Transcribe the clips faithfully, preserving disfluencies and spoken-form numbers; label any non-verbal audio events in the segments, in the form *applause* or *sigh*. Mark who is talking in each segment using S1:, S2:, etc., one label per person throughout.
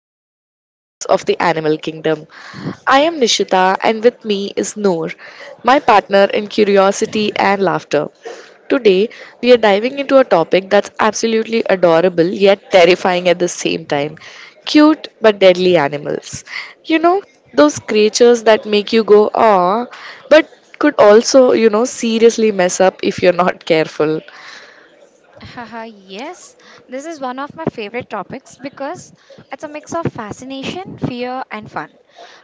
S1: surprising corners of the animal kingdom. I am Nishita, and with me is Noor, my partner in curiosity and laughter. Today, we are diving into a topic that's absolutely adorable yet terrifying at the same time cute but deadly animals. You know, those creatures that make you go, ah, but could also, you know, seriously mess up if you're not careful.
S2: Haha, yes, this is one of my favorite topics because it's a mix of fascination, fear, and fun.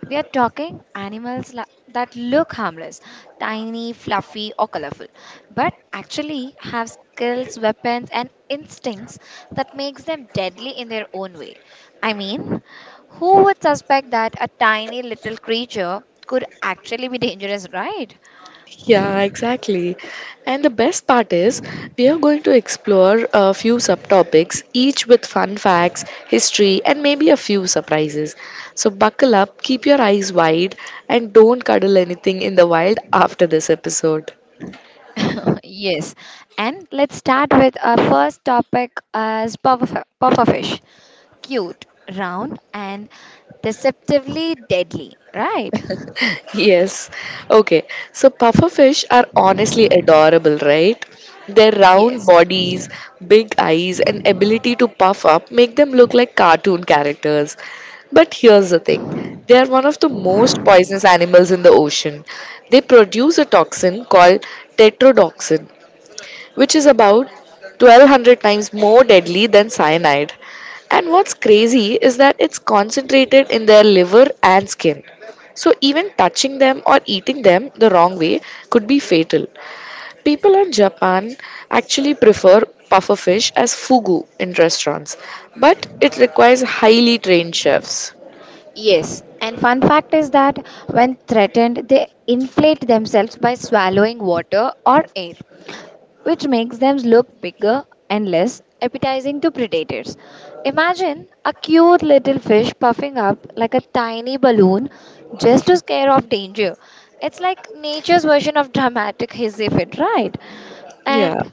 S2: We are talking animals la- that look harmless, tiny, fluffy, or colorful, but actually have skills, weapons, and instincts that makes them deadly in their own way. I mean, who would suspect that a tiny little creature could actually be dangerous, right?
S1: Yeah, exactly. And the best part is, we are going to explore a few subtopics, each with fun facts, history, and maybe a few surprises. So, buckle up, keep your eyes wide, and don't cuddle anything in the wild after this episode.
S2: *laughs* Yes. And let's start with our first topic as puffer, pufferfish. Cute, round, and deceptively deadly, right?
S1: Yes. Okay. So pufferfish are honestly adorable, right? Their round
S2: Yes.
S1: bodies, big eyes, and ability to puff up make them look like cartoon characters. But here's the thing. They are one of the most poisonous animals in the ocean. They produce a toxin called tetrodotoxin, which is about twelve hundred times more deadly than cyanide. And what's crazy is that it's concentrated in their liver and skin. So, even touching them or eating them the wrong way could be fatal. People in Japan actually prefer puffer fish as fugu in restaurants, but it requires highly trained chefs.
S2: Yes. And fun fact is that when threatened, they inflate themselves by swallowing water or air, which makes them look bigger and less appetizing to predators. Imagine a cute little fish puffing up like a tiny balloon just to scare off danger. It's like nature's version of dramatic hissy fit, right?
S1: Yeah.
S2: And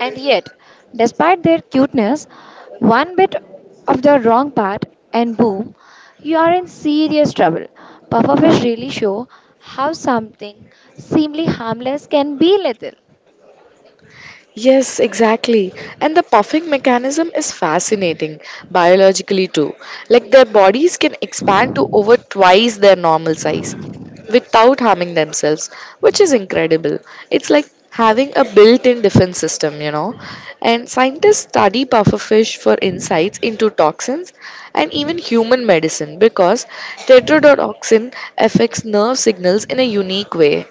S2: and yet, despite their cuteness, one bit of the wrong part and boom, you are in serious trouble. Pufferfish really show how something seemingly harmless can be lethal.
S1: Yes, exactly. And the puffing mechanism is fascinating biologically too. Like their bodies can expand to over twice their normal size without harming themselves, which is incredible. It's like having a built in defense system, you know. And scientists study pufferfish for insights into toxins and even human medicine because tetrodotoxin affects nerve signals in a unique way.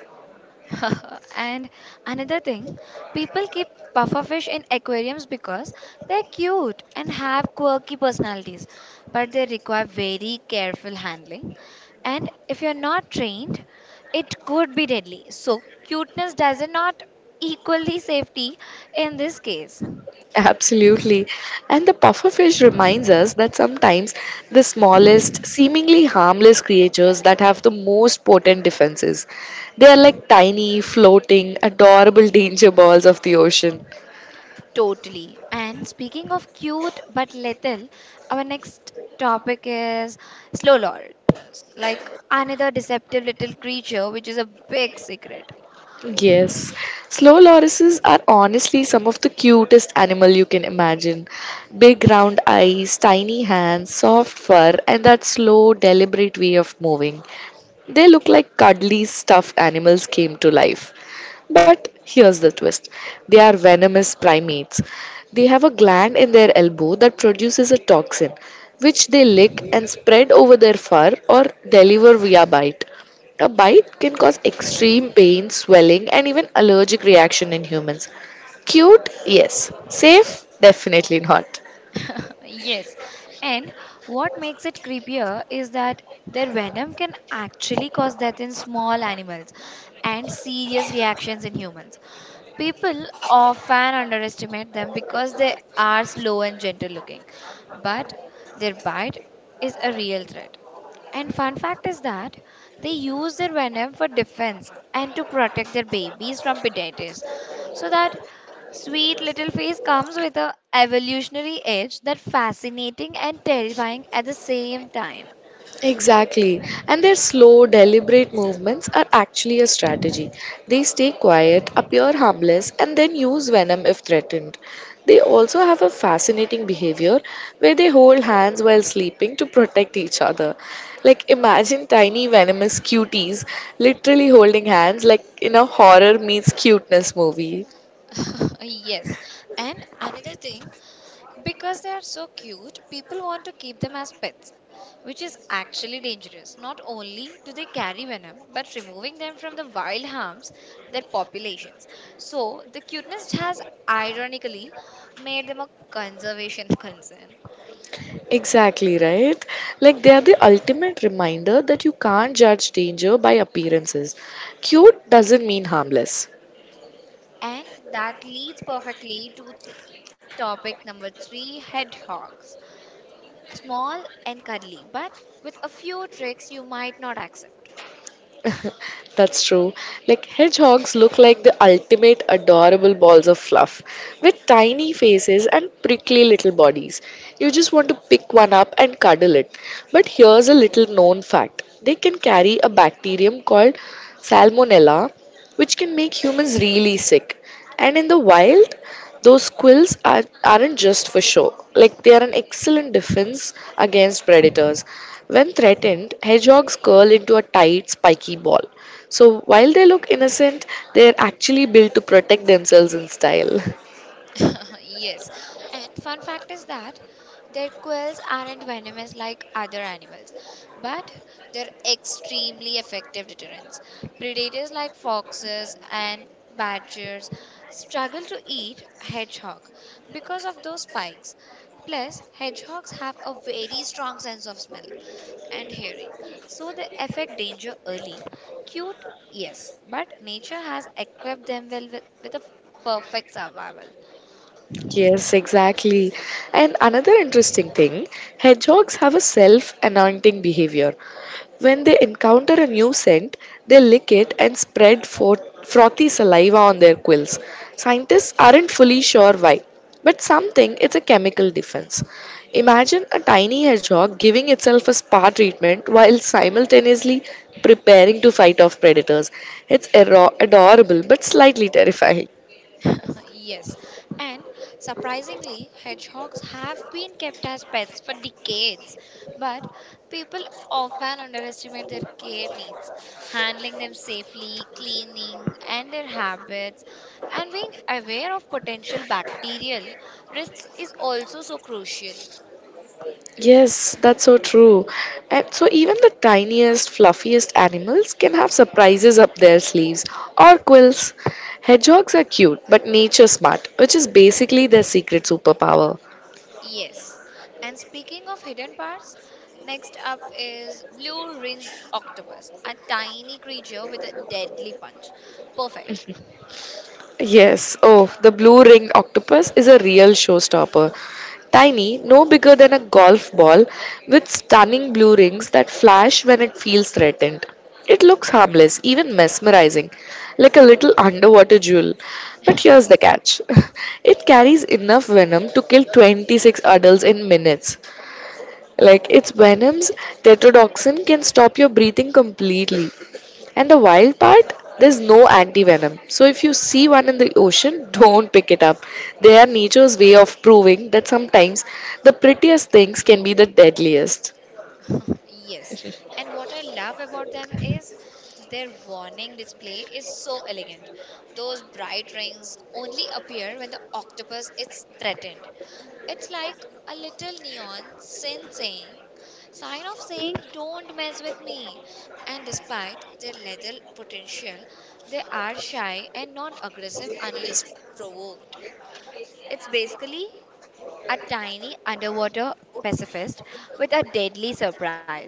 S2: *laughs* And another thing, people keep pufferfish in aquariums because they're cute and have quirky personalities, but they require very careful handling. And if you're not trained, it could be deadly. So, cuteness does not equally safety in this case.
S1: Absolutely. And the pufferfish reminds us that sometimes the smallest, seemingly harmless creatures that have the most potent defenses. They are like tiny, floating, adorable *laughs* danger balls of the ocean.
S2: Totally. And speaking of cute but lethal, our next topic is slow lord. Like another deceptive little creature, which is a big secret.
S1: Yes, slow lorises are honestly some of the cutest animal you can imagine. Big round eyes, tiny hands, soft fur, and that slow, deliberate way of moving. They look like cuddly stuffed animals came to life. But here's the twist they are venomous primates. They have a gland in their elbow that produces a toxin, which they lick and spread over their fur or deliver via bite. A bite can cause extreme pain, swelling, and even allergic reaction in humans. Cute? Yes. Safe? Definitely not.
S2: *laughs* Yes. And what makes it creepier is that their venom can actually cause death in small animals and serious reactions in humans. People often underestimate them because they are slow and gentle looking, but their bite is a real threat. And fun fact is that they use their venom for defense and to protect their babies from predators. So that sweet little face comes with a evolutionary edge that fascinating and terrifying at the same time.
S1: Exactly. And their slow, deliberate movements are actually a strategy. They stay quiet, appear harmless, and then use venom if threatened. They also have a fascinating behavior where they hold hands while sleeping to protect each other. Like, imagine tiny venomous cuties literally holding hands, like in a horror meets cuteness movie.
S2: *laughs* Yes. And another thing, because they are so cute, people want to keep them as pets, which is actually dangerous. Not only do they carry venom, but removing them from the wild harms their populations. So, the cuteness has ironically made them a conservation *laughs* concern.
S1: Exactly, right? Like they are the ultimate reminder that you can't judge danger by appearances. Cute doesn't mean harmless.
S2: And that leads perfectly to topic number three hedgehogs. Small and cuddly, but with a few tricks you might not accept.
S1: That's true. Like hedgehogs look like the ultimate adorable balls of fluff with tiny faces and prickly little bodies. You just want to pick one up and cuddle it. But here's a little known fact. They can carry a bacterium called salmonella which can make humans really sick. And in the wild, those quills are, aren't just for show. Like they are an excellent defense against predators. When threatened, hedgehogs curl into a tight, spiky ball. So while they look innocent, they're actually built to protect themselves in style.
S2: *laughs* Yes. And fun fact is that their quills aren't venomous like other animals, but they're extremely effective deterrents. Predators like foxes and badgers struggle to eat hedgehog because of those spikes. Plus, hedgehogs have a very strong sense of smell and hearing, so they affect danger early. Cute, yes, but nature has equipped them well with, with a perfect survival.
S1: Yes, exactly. And another interesting thing hedgehogs have a self anointing behavior. When they encounter a new scent, they lick it and spread for- frothy saliva on their quills. Scientists aren't fully sure why, but some think it's a chemical defense. Imagine a tiny hedgehog giving itself a spa treatment while simultaneously preparing to fight off predators. It's ero- adorable but slightly terrifying.
S2: *laughs* Yes, and surprisingly, hedgehogs have been kept as pets for decades, but people often underestimate their care needs. Handling them safely, cleaning, and their habits, and being aware of potential bacterial risks is also so crucial.
S1: Yes, that's so true. And so even the tiniest, fluffiest animals can have surprises up their sleeves or quills. Hedgehogs are cute, but nature smart, which is basically their secret superpower.
S2: Yes, and speaking of hidden parts, next up is blue ringed octopus, a tiny creature with a deadly punch. Perfect.
S1: Yes, oh, the blue ringed octopus is a real showstopper. Tiny, no bigger than a golf ball, with stunning blue rings that flash when it feels threatened. It looks harmless, even mesmerizing, like a little underwater jewel. But here's the catch *laughs* it carries enough venom to kill twenty-six adults in minutes. Like its venoms, tetrodotoxin can stop your breathing completely. And the wild part, there's no anti venom. So if you see one in the ocean, *laughs* don't pick it up. They are nature's way of proving that sometimes the prettiest things can be the deadliest.
S2: Yes, and what I love about them is their warning display is so elegant. Those bright rings only appear when the octopus is threatened. It's like a little neon sign saying, sign of saying, don't mess with me. And despite their lethal potential, they are shy and non aggressive unless provoked. It's basically a tiny underwater pacifist with a deadly surprise.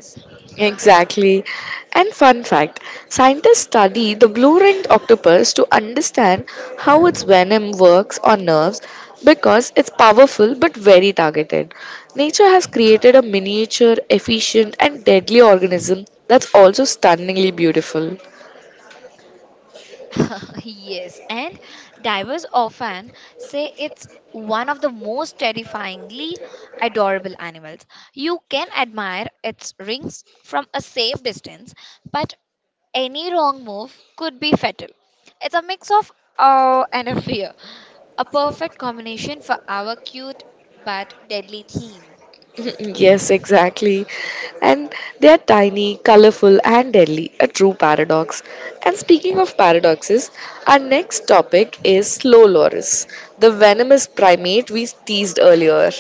S1: Exactly. And fun fact scientists study the blue ringed octopus to understand how its venom works on nerves because it's powerful but very targeted. Nature has created a miniature, efficient, and deadly organism that's also stunningly beautiful.
S2: *laughs* Yes, and divers often say it's one of the most terrifyingly adorable animals. You can admire its rings from a safe distance, but any wrong move could be fatal. It's a mix of awe and a fear, a perfect combination for our cute but deadly theme.
S1: *laughs* Yes, exactly. And they are tiny, colorful, and deadly, a true paradox. And speaking of paradoxes, our next topic is slow loris, the venomous primate we teased earlier.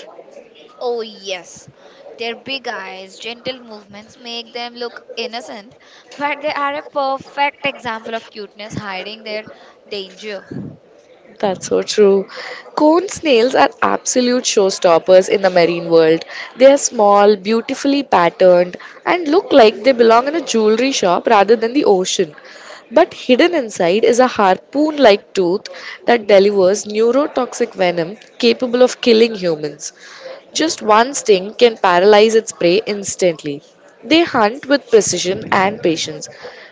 S2: Oh, yes. Their big eyes, gentle movements make them look innocent, but they are a perfect example of cuteness hiding their danger.
S1: That's so true. Cone snails are absolute showstoppers in the marine world. They are small, beautifully patterned, and look like they belong in a jewelry shop rather than the ocean. But hidden inside is a harpoon like tooth that delivers neurotoxic venom capable of killing humans. Just one sting can paralyze its prey instantly. They hunt with precision and patience,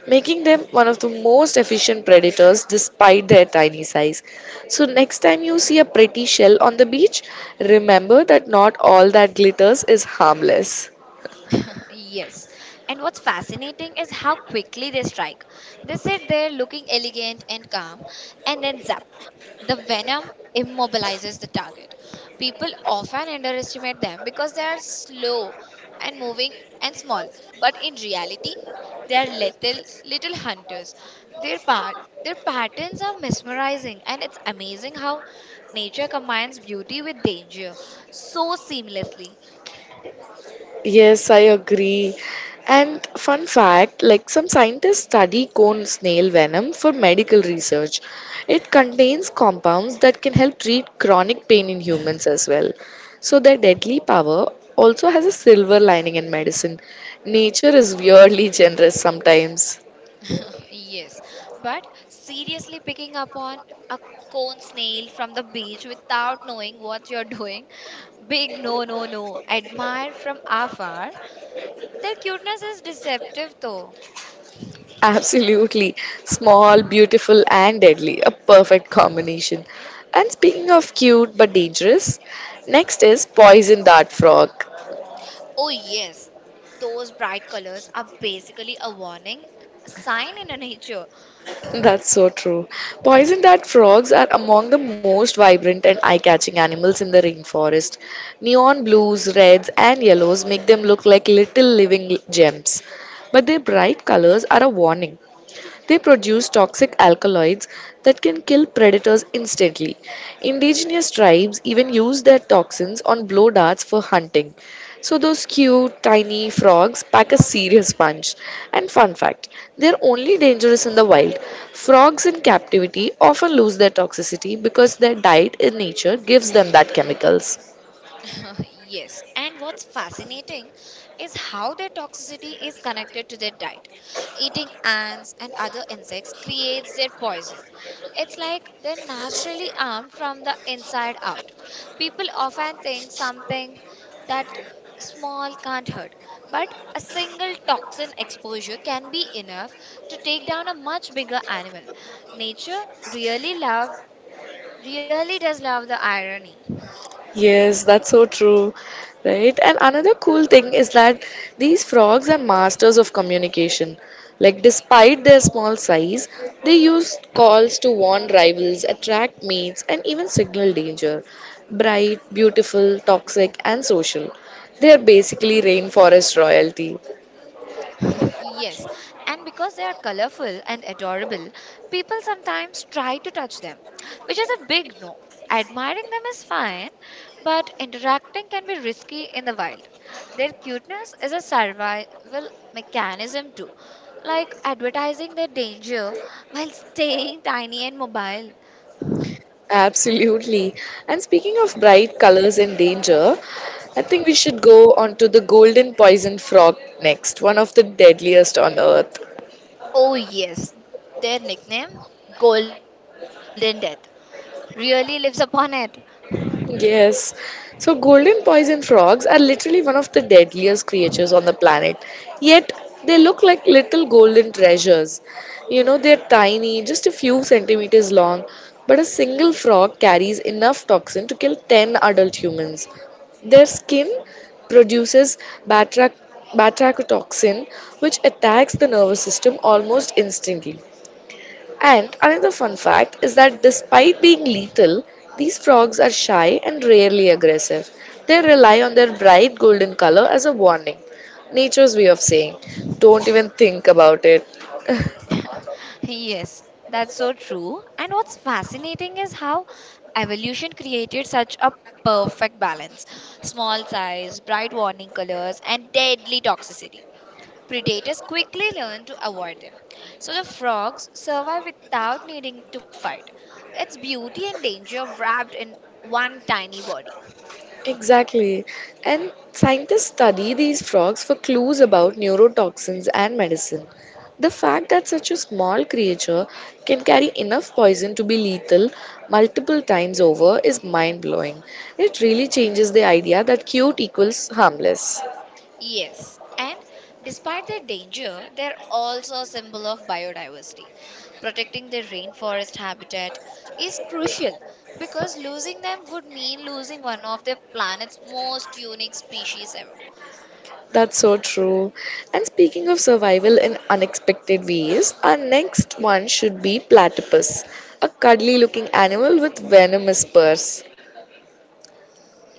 S1: making them one of the most efficient predators despite their tiny size. So, next time you see a pretty shell on the beach, remember that not all that glitters is harmless.
S2: *laughs* Yes. And what's fascinating is how quickly they strike. They sit there looking elegant and calm, and then zap. The venom immobilizes the target. People often underestimate them because they are slow and moving and small. But in reality, they are little little hunters. Their part their patterns are mesmerizing and it's amazing how nature combines beauty with danger so seamlessly.
S1: Yes, I agree. And fun fact, like some scientists study cone snail venom for medical research. It contains compounds that can help treat chronic pain in humans as well. So their deadly power also has a silver lining in medicine. Nature is weirdly generous sometimes.
S2: *laughs* Yes, but seriously picking up on a cone snail from the beach without knowing what you're doing, big no, no, no. Admire from afar. Their cuteness is deceptive though.
S1: *laughs* Absolutely. Small, beautiful, and deadly. A perfect combination. And speaking of cute but dangerous, next is poison dart frog.
S2: Oh, yes, those bright colors are basically a warning sign in nature.
S1: That's so true. Poison dart frogs are among the most vibrant and eye catching animals in the rainforest. Neon blues, reds, and yellows make them look like little living gems. But their bright colors are a warning. They produce toxic alkaloids that can kill predators instantly. Indigenous tribes even use their toxins on blow darts for hunting. So those cute tiny frogs pack a serious punch. And fun fact, they're only dangerous in the wild. Frogs in captivity often lose their toxicity because their diet in nature gives them that chemicals.
S2: *laughs* Yes, and what's fascinating is how their toxicity is connected to their diet. Eating ants and other insects creates their poison. It's like they're naturally armed from the inside out. People often think something that small can't hurt, but a single toxin exposure can be enough to take down a much bigger animal. Nature really love really does love the irony.
S1: Yes, that's so true, right? And another cool thing is that these frogs are masters of communication. Like, despite their small size, they use calls to warn rivals, attract mates, and even signal danger. Bright, beautiful, toxic, and social. They are basically rainforest royalty.
S2: Yes, and because they are colorful and adorable, people sometimes try to touch them, which is a big no. Admiring them is fine, but interacting can be risky in the wild. Their cuteness is a survival mechanism too, like advertising their danger while staying tiny and mobile.
S1: Absolutely. And speaking of bright colors and danger, I think we should go on to the golden poison frog next, one of the deadliest on earth.
S2: Oh, yes, their nickname, Golden Death, really lives upon it.
S1: Yes. So golden poison frogs are literally one of the deadliest creatures on the planet. Yet they look like little golden treasures. You know, they're tiny, just a few centimeters long, but a single frog carries enough toxin to kill ten adult humans. Their skin produces batrac- batrachotoxin, which attacks the nervous system almost instantly. And another fun fact is that despite being lethal, these frogs are shy and rarely aggressive. They rely on their bright golden color as a warning. Nature's way of saying, don't even think about it. *laughs*
S2: *laughs* Yes, that's so true. And what's fascinating is how evolution created such a perfect balance small size, bright warning colors, and deadly toxicity. Predators quickly learn to avoid them. So the frogs survive without needing to fight. It's beauty and danger wrapped in one tiny body.
S1: Exactly. And scientists study these frogs for clues about neurotoxins and medicine. The fact that such a small creature can carry enough poison to be lethal multiple times over is mind blowing. It really changes the idea that cute equals harmless.
S2: Yes, and despite their danger, they're also a symbol of biodiversity. Protecting their rainforest habitat is crucial because losing them would mean losing one of the planet's most unique species ever.
S1: That's so true. And speaking of survival in unexpected ways, our next one should be platypus, a cuddly looking animal with venomous spurs.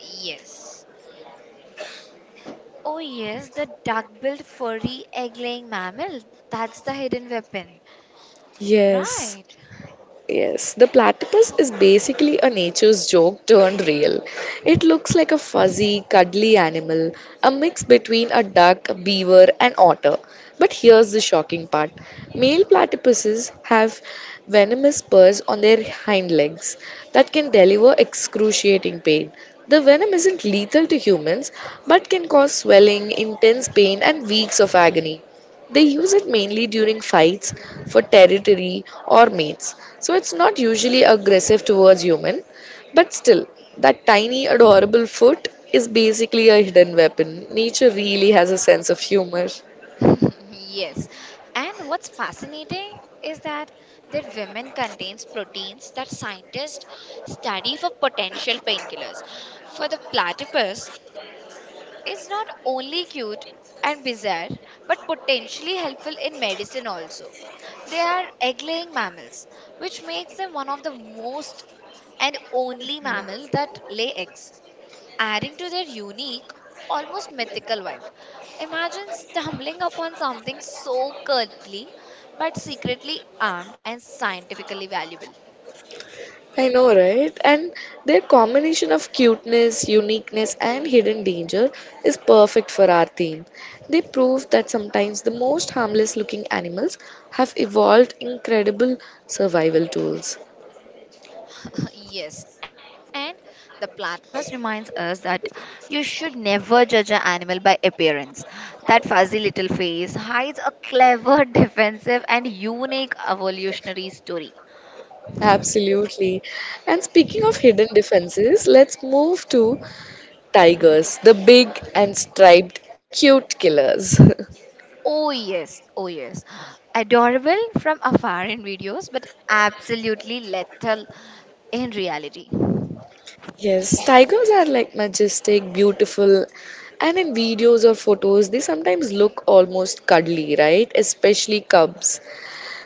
S2: Yes. Oh, yes, the duck billed furry egg laying mammal. That's the hidden weapon.
S1: Yes,
S2: Right.
S1: Yes, the platypus is basically a nature's joke turned real. It looks like a fuzzy, cuddly animal, a mix between a duck, beaver, and otter. But here's the shocking part male platypuses have venomous spurs on their hind legs that can deliver excruciating pain. The venom isn't lethal to humans but can cause swelling, intense pain, and weeks of agony. They use it mainly during fights for territory or mates. So it's not usually aggressive towards human, but still that tiny adorable foot is basically a hidden weapon. Nature really has a sense of humor.
S2: *laughs* Yes. And what's fascinating is that their women contains proteins that scientists study for potential painkillers. For the platypus, it's not only cute and bizarre, but potentially helpful in medicine also. They are egg-laying mammals, which makes them one of the most and only mammals that lay eggs adding to their unique, almost mythical vibe. Imagine stumbling upon something so cuddly but secretly armed and scientifically valuable.
S1: I know, right? And their combination of cuteness, uniqueness, and hidden danger is perfect for our theme. They prove that sometimes the most harmless looking animals have evolved incredible survival tools.
S2: *laughs* Yes, and the platypus reminds us that you should never judge an animal by appearance. That fuzzy little face hides a clever, *laughs* defensive, and unique evolutionary story.
S1: Absolutely. And speaking of hidden defenses, let's move to tigers, the big and striped cute killers. *laughs*
S2: Oh, yes. Oh, yes. Adorable from afar in videos, but absolutely lethal in reality.
S1: Yes, tigers are like majestic, beautiful, and in videos or photos, they sometimes look almost cuddly, right? Especially cubs.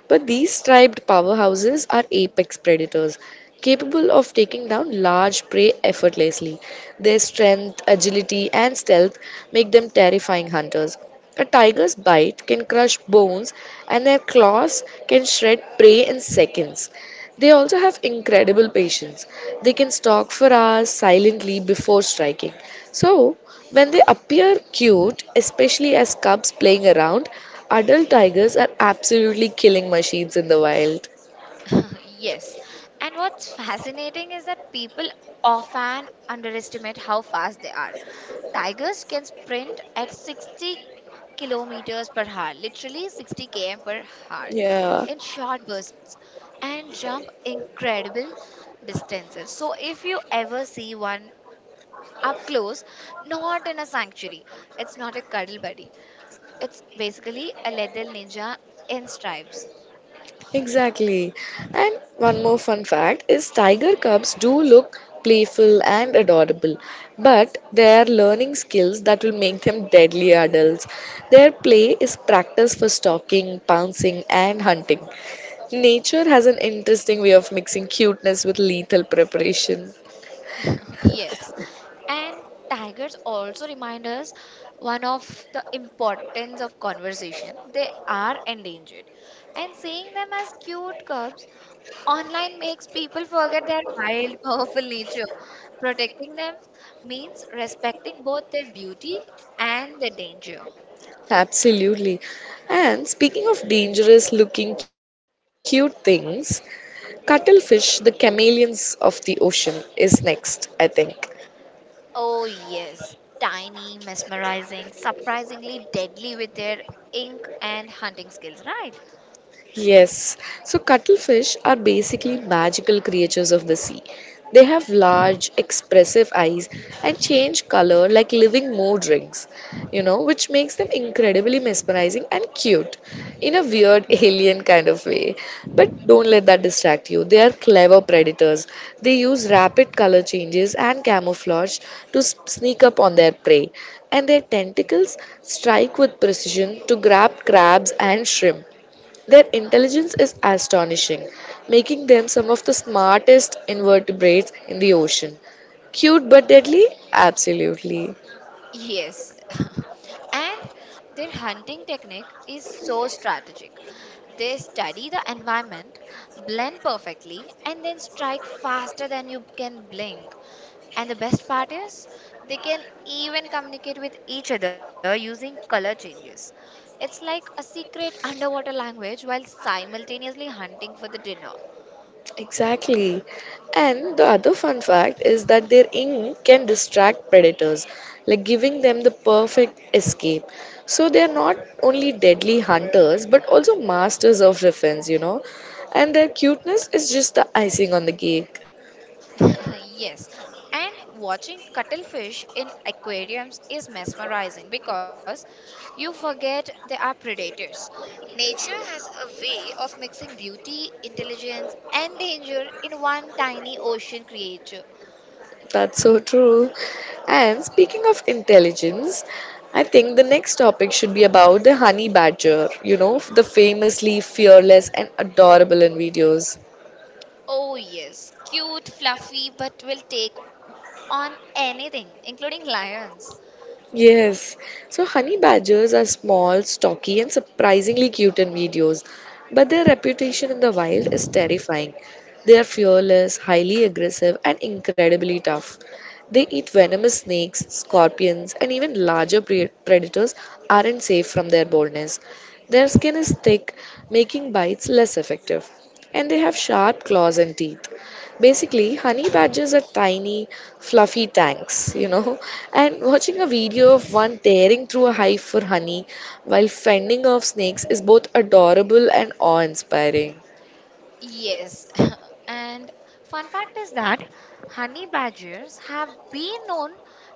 S1: But these striped powerhouses are apex predators, capable of taking down large prey effortlessly. Their strength, agility, and stealth make them terrifying hunters. A tiger's bite can crush bones, and their claws can shred prey in seconds. They also have incredible patience. They can stalk for hours silently before striking. So, when they appear cute, especially as cubs playing around, adult tigers are absolutely killing machines in the wild.
S2: *laughs* Yes. And what's fascinating is that people often underestimate how fast they are. Tigers can sprint at sixty kilometers per hour, literally sixty kilometers per hour, in
S1: Yeah,
S2: short bursts and jump incredible distances. So, if you ever see one up close, not in a sanctuary, it's not a cuddle buddy, it's basically a lethal ninja in stripes.
S1: exactly. And one more fun fact is tiger cubs do look playful and adorable, but they are learning skills that will make them deadly adults. Their play is practice for stalking, pouncing, and hunting. Nature has an interesting way of mixing cuteness with lethal preparation.
S2: *laughs* Yes. And tigers also remind us one of the importance of conversation. They are endangered. And seeing them as cute cubs online makes people forget their wild, powerful nature. Protecting them means respecting both their beauty and their danger.
S1: Absolutely. And speaking of dangerous looking cute things, cuttlefish, the chameleons of the ocean, is next, I think.
S2: Oh, yes. Tiny, mesmerizing, surprisingly deadly with their ink and hunting skills, right?
S1: Yes, so cuttlefish are basically magical creatures of the sea. They have large, expressive eyes and change color like living mood rings, you know, which makes them incredibly mesmerizing and cute in a weird *laughs* alien kind of way. But don't let that distract you. They are clever predators. They use rapid color changes and camouflage to s- sneak up on their prey, and their tentacles strike with precision to grab crabs and shrimp their intelligence is astonishing, making them some of the smartest invertebrates in the ocean. Cute but deadly? Absolutely.
S2: Yes. *laughs* And their hunting technique is so strategic. They study the environment, blend perfectly, and then strike faster than you can blink. And the best part is, they can even communicate with each other using color changes. It's like a secret underwater language while simultaneously hunting for the dinner.
S1: Exactly. And the other fun fact is that their ink can distract predators, like giving them the perfect escape. So they are not only deadly hunters but also masters of defense, you know. And their cuteness is just the icing on the cake.
S2: *laughs* Yes. And watching cuttlefish in aquariums is mesmerizing because you forget they are predators. Nature has a way of mixing beauty, intelligence, and danger in one tiny ocean creature.
S1: That's so true. And speaking of intelligence, I think the next topic should be about the honey badger, you know, the famously fearless and adorable in videos.
S2: Oh, yes, cute, fluffy, but will take on anything, including lions.
S1: Yes. So honey badgers are small, stocky, and surprisingly cute in videos, but their reputation in the wild is terrifying. They are fearless, highly aggressive, and incredibly tough. They eat venomous snakes, scorpions, and even larger pre- predators aren't safe from their boldness. Their skin is thick, making bites less effective, and they have sharp claws and teeth. Basically, honey badgers are tiny, fluffy tanks, you know. And watching a video of one tearing through a hive for honey while fending off snakes is both adorable and awe inspiring.
S2: Yes, *laughs* and fun fact is that honey badgers have been known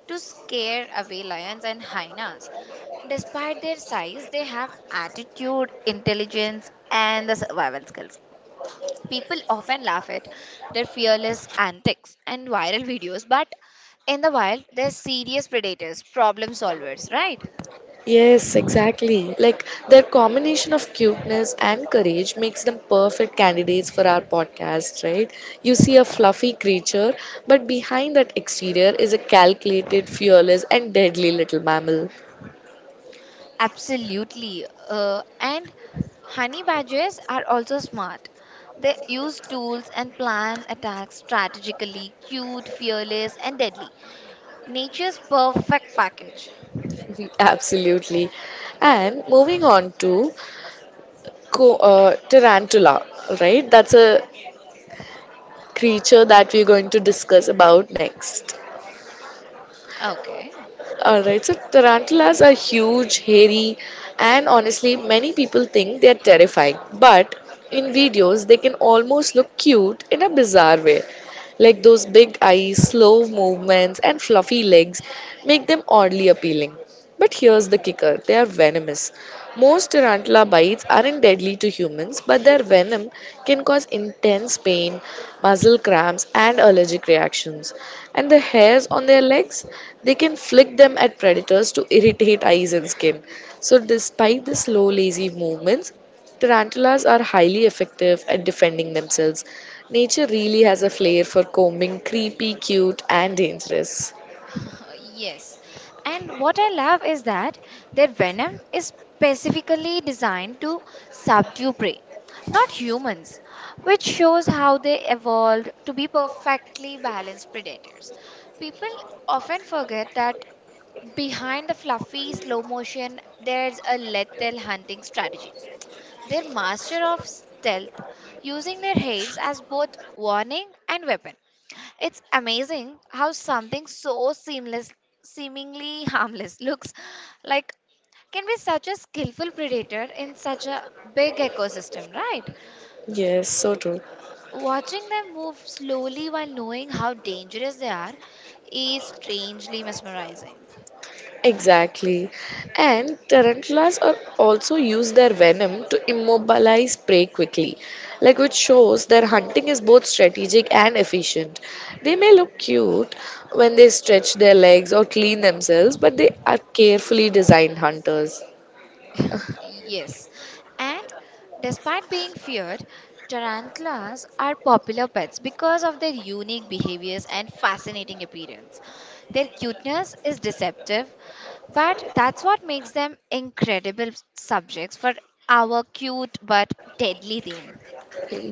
S2: to scare away lions and hyenas. Despite their size, they have attitude, intelligence, and the survival skills. People often laugh at their fearless antics and viral videos, but in the wild, they're serious predators, problem solvers, right?
S1: Yes, exactly. Like their combination of cuteness and courage makes them perfect candidates for our podcast, right? You see a fluffy creature, but behind that exterior is a calculated, fearless, and deadly little mammal.
S2: Absolutely. Uh, and honey badgers are also smart. They use tools and plan attacks strategically, cute, fearless, and deadly. Nature's perfect package.
S1: Absolutely. And moving on to co- uh, tarantula, right? That's a creature that we're going to discuss about next.
S2: Okay.
S1: All right, so tarantulas are huge, hairy, and honestly, many people think they're terrifying. But in videos, they can almost look cute in a bizarre way. Like those big eyes, slow movements, and fluffy legs make them oddly appealing. But here's the kicker they are venomous. Most tarantula bites aren't deadly to humans, but their venom can cause intense pain, muscle cramps, and allergic reactions. And the hairs on their legs, they can flick them at predators to irritate eyes and skin. So, despite the slow, lazy movements, tarantulas are highly effective at defending themselves. Nature really has a flair for combing creepy, cute, and dangerous.
S2: *laughs* Yes. And what I love is that their venom is specifically designed to subdue prey, not humans, which shows how they evolved to be perfectly balanced predators. People often forget that behind the fluffy slow motion, there's a lethal hunting strategy. They're master of stealth, using their heads as both warning and weapon. It's amazing how something so seamless, seemingly harmless, looks like can be such a skillful predator in such a big ecosystem, right?
S1: Yes, so true.
S2: Watching them move slowly while knowing how dangerous they are is strangely mesmerizing.
S1: Exactly. And tarantulas are also use their venom to immobilize prey quickly, like which shows their hunting is both strategic and efficient. They may look cute when they stretch their legs or clean themselves, but they are carefully designed hunters.
S2: Yes. And despite being feared, tarantulas are popular pets because of their unique behaviors and fascinating appearance. Their cuteness is deceptive, but that's what makes them incredible subjects for our cute but deadly theme.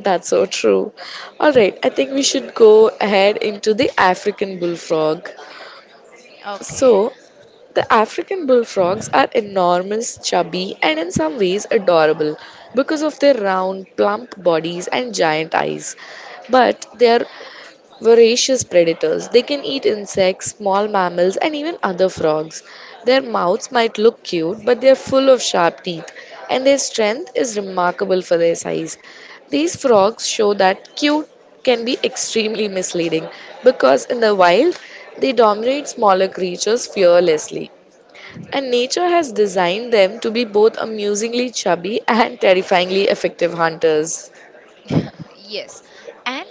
S1: That's so true. All right, I think we should go ahead into the African bullfrog.
S2: Okay.
S1: So, the African bullfrogs are enormous, chubby, and in some ways adorable because of their round, plump bodies and giant eyes. But they are voracious predators. They can eat insects, small mammals, and even other frogs. Their mouths might look cute, but they are full of sharp teeth, and their strength is remarkable for their size. These frogs show that cute can be extremely misleading because in the wild they dominate smaller creatures fearlessly. And nature has designed them to be both amusingly chubby and terrifyingly effective hunters.
S2: *laughs* Yes. And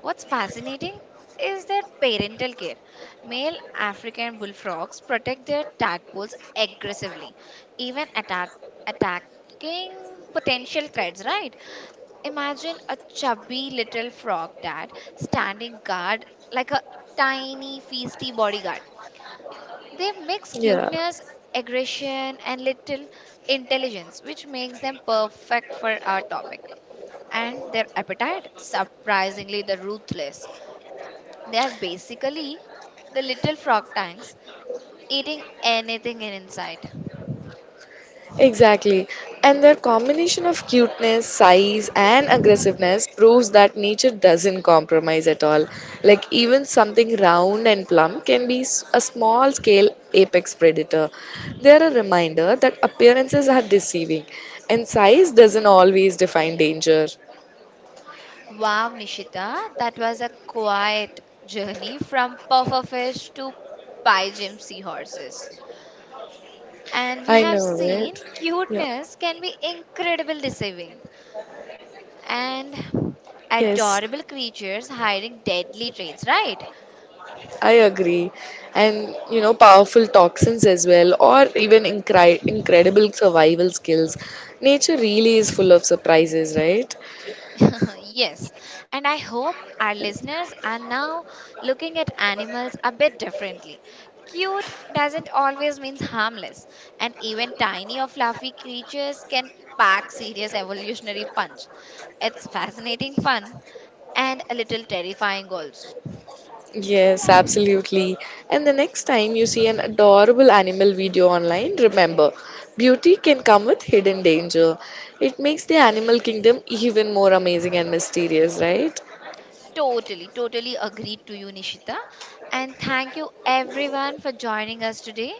S2: what's fascinating is their parental care. Male African bullfrogs protect their tadpoles aggressively, even attack, attacking potential threats, right? Imagine a chubby little frog dad standing guard like a tiny, feisty bodyguard. They mix
S1: Yeah,
S2: cuteness, aggression, and little intelligence, which makes them perfect for our topic and their appetite surprisingly the ruthless they are basically the little frog tanks eating anything in inside.
S1: exactly. And their combination of cuteness, size, and aggressiveness proves that nature doesn't compromise at all. Like, even something round and plump can be s- a small scale apex predator. They're a reminder that appearances are deceiving, and size doesn't always define danger.
S2: Wow, Nishita, that was a quiet journey from pufferfish to pygmy seahorses and we
S1: I
S2: have
S1: know
S2: seen
S1: it. Yeah.
S2: cuteness can be incredible deceiving and
S1: Yes.
S2: adorable creatures hiding deadly traits right.
S1: I agree. And, you know, powerful toxins as well, or even incri- incredible survival skills. Nature really is full of surprises, right?
S2: *laughs* Yes, and I hope our listeners are now looking at animals a bit differently. Cute doesn't always mean harmless, and even tiny or fluffy creatures can pack serious evolutionary punch. It's fascinating fun and a little terrifying also.
S1: Yes, absolutely. And the next time you see an adorable animal video online, remember, beauty can come with hidden danger. It makes the animal kingdom even more amazing and mysterious, right?
S2: Totally, totally agreed to you, Nishita. And thank you everyone for joining us today.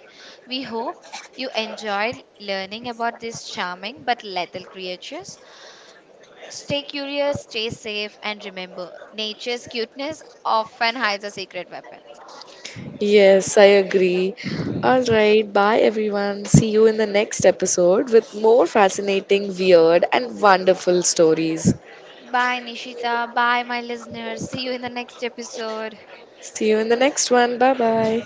S2: We hope you enjoyed learning about these charming but lethal creatures. Stay curious, stay safe, and remember nature's cuteness often hides a secret weapon.
S1: Yes, I agree. All right, bye everyone. See you in the next episode with more fascinating, weird, and wonderful stories.
S2: Bye, Nishita. Bye, my listeners. See you in the next episode.
S1: See you in the next one. Bye bye.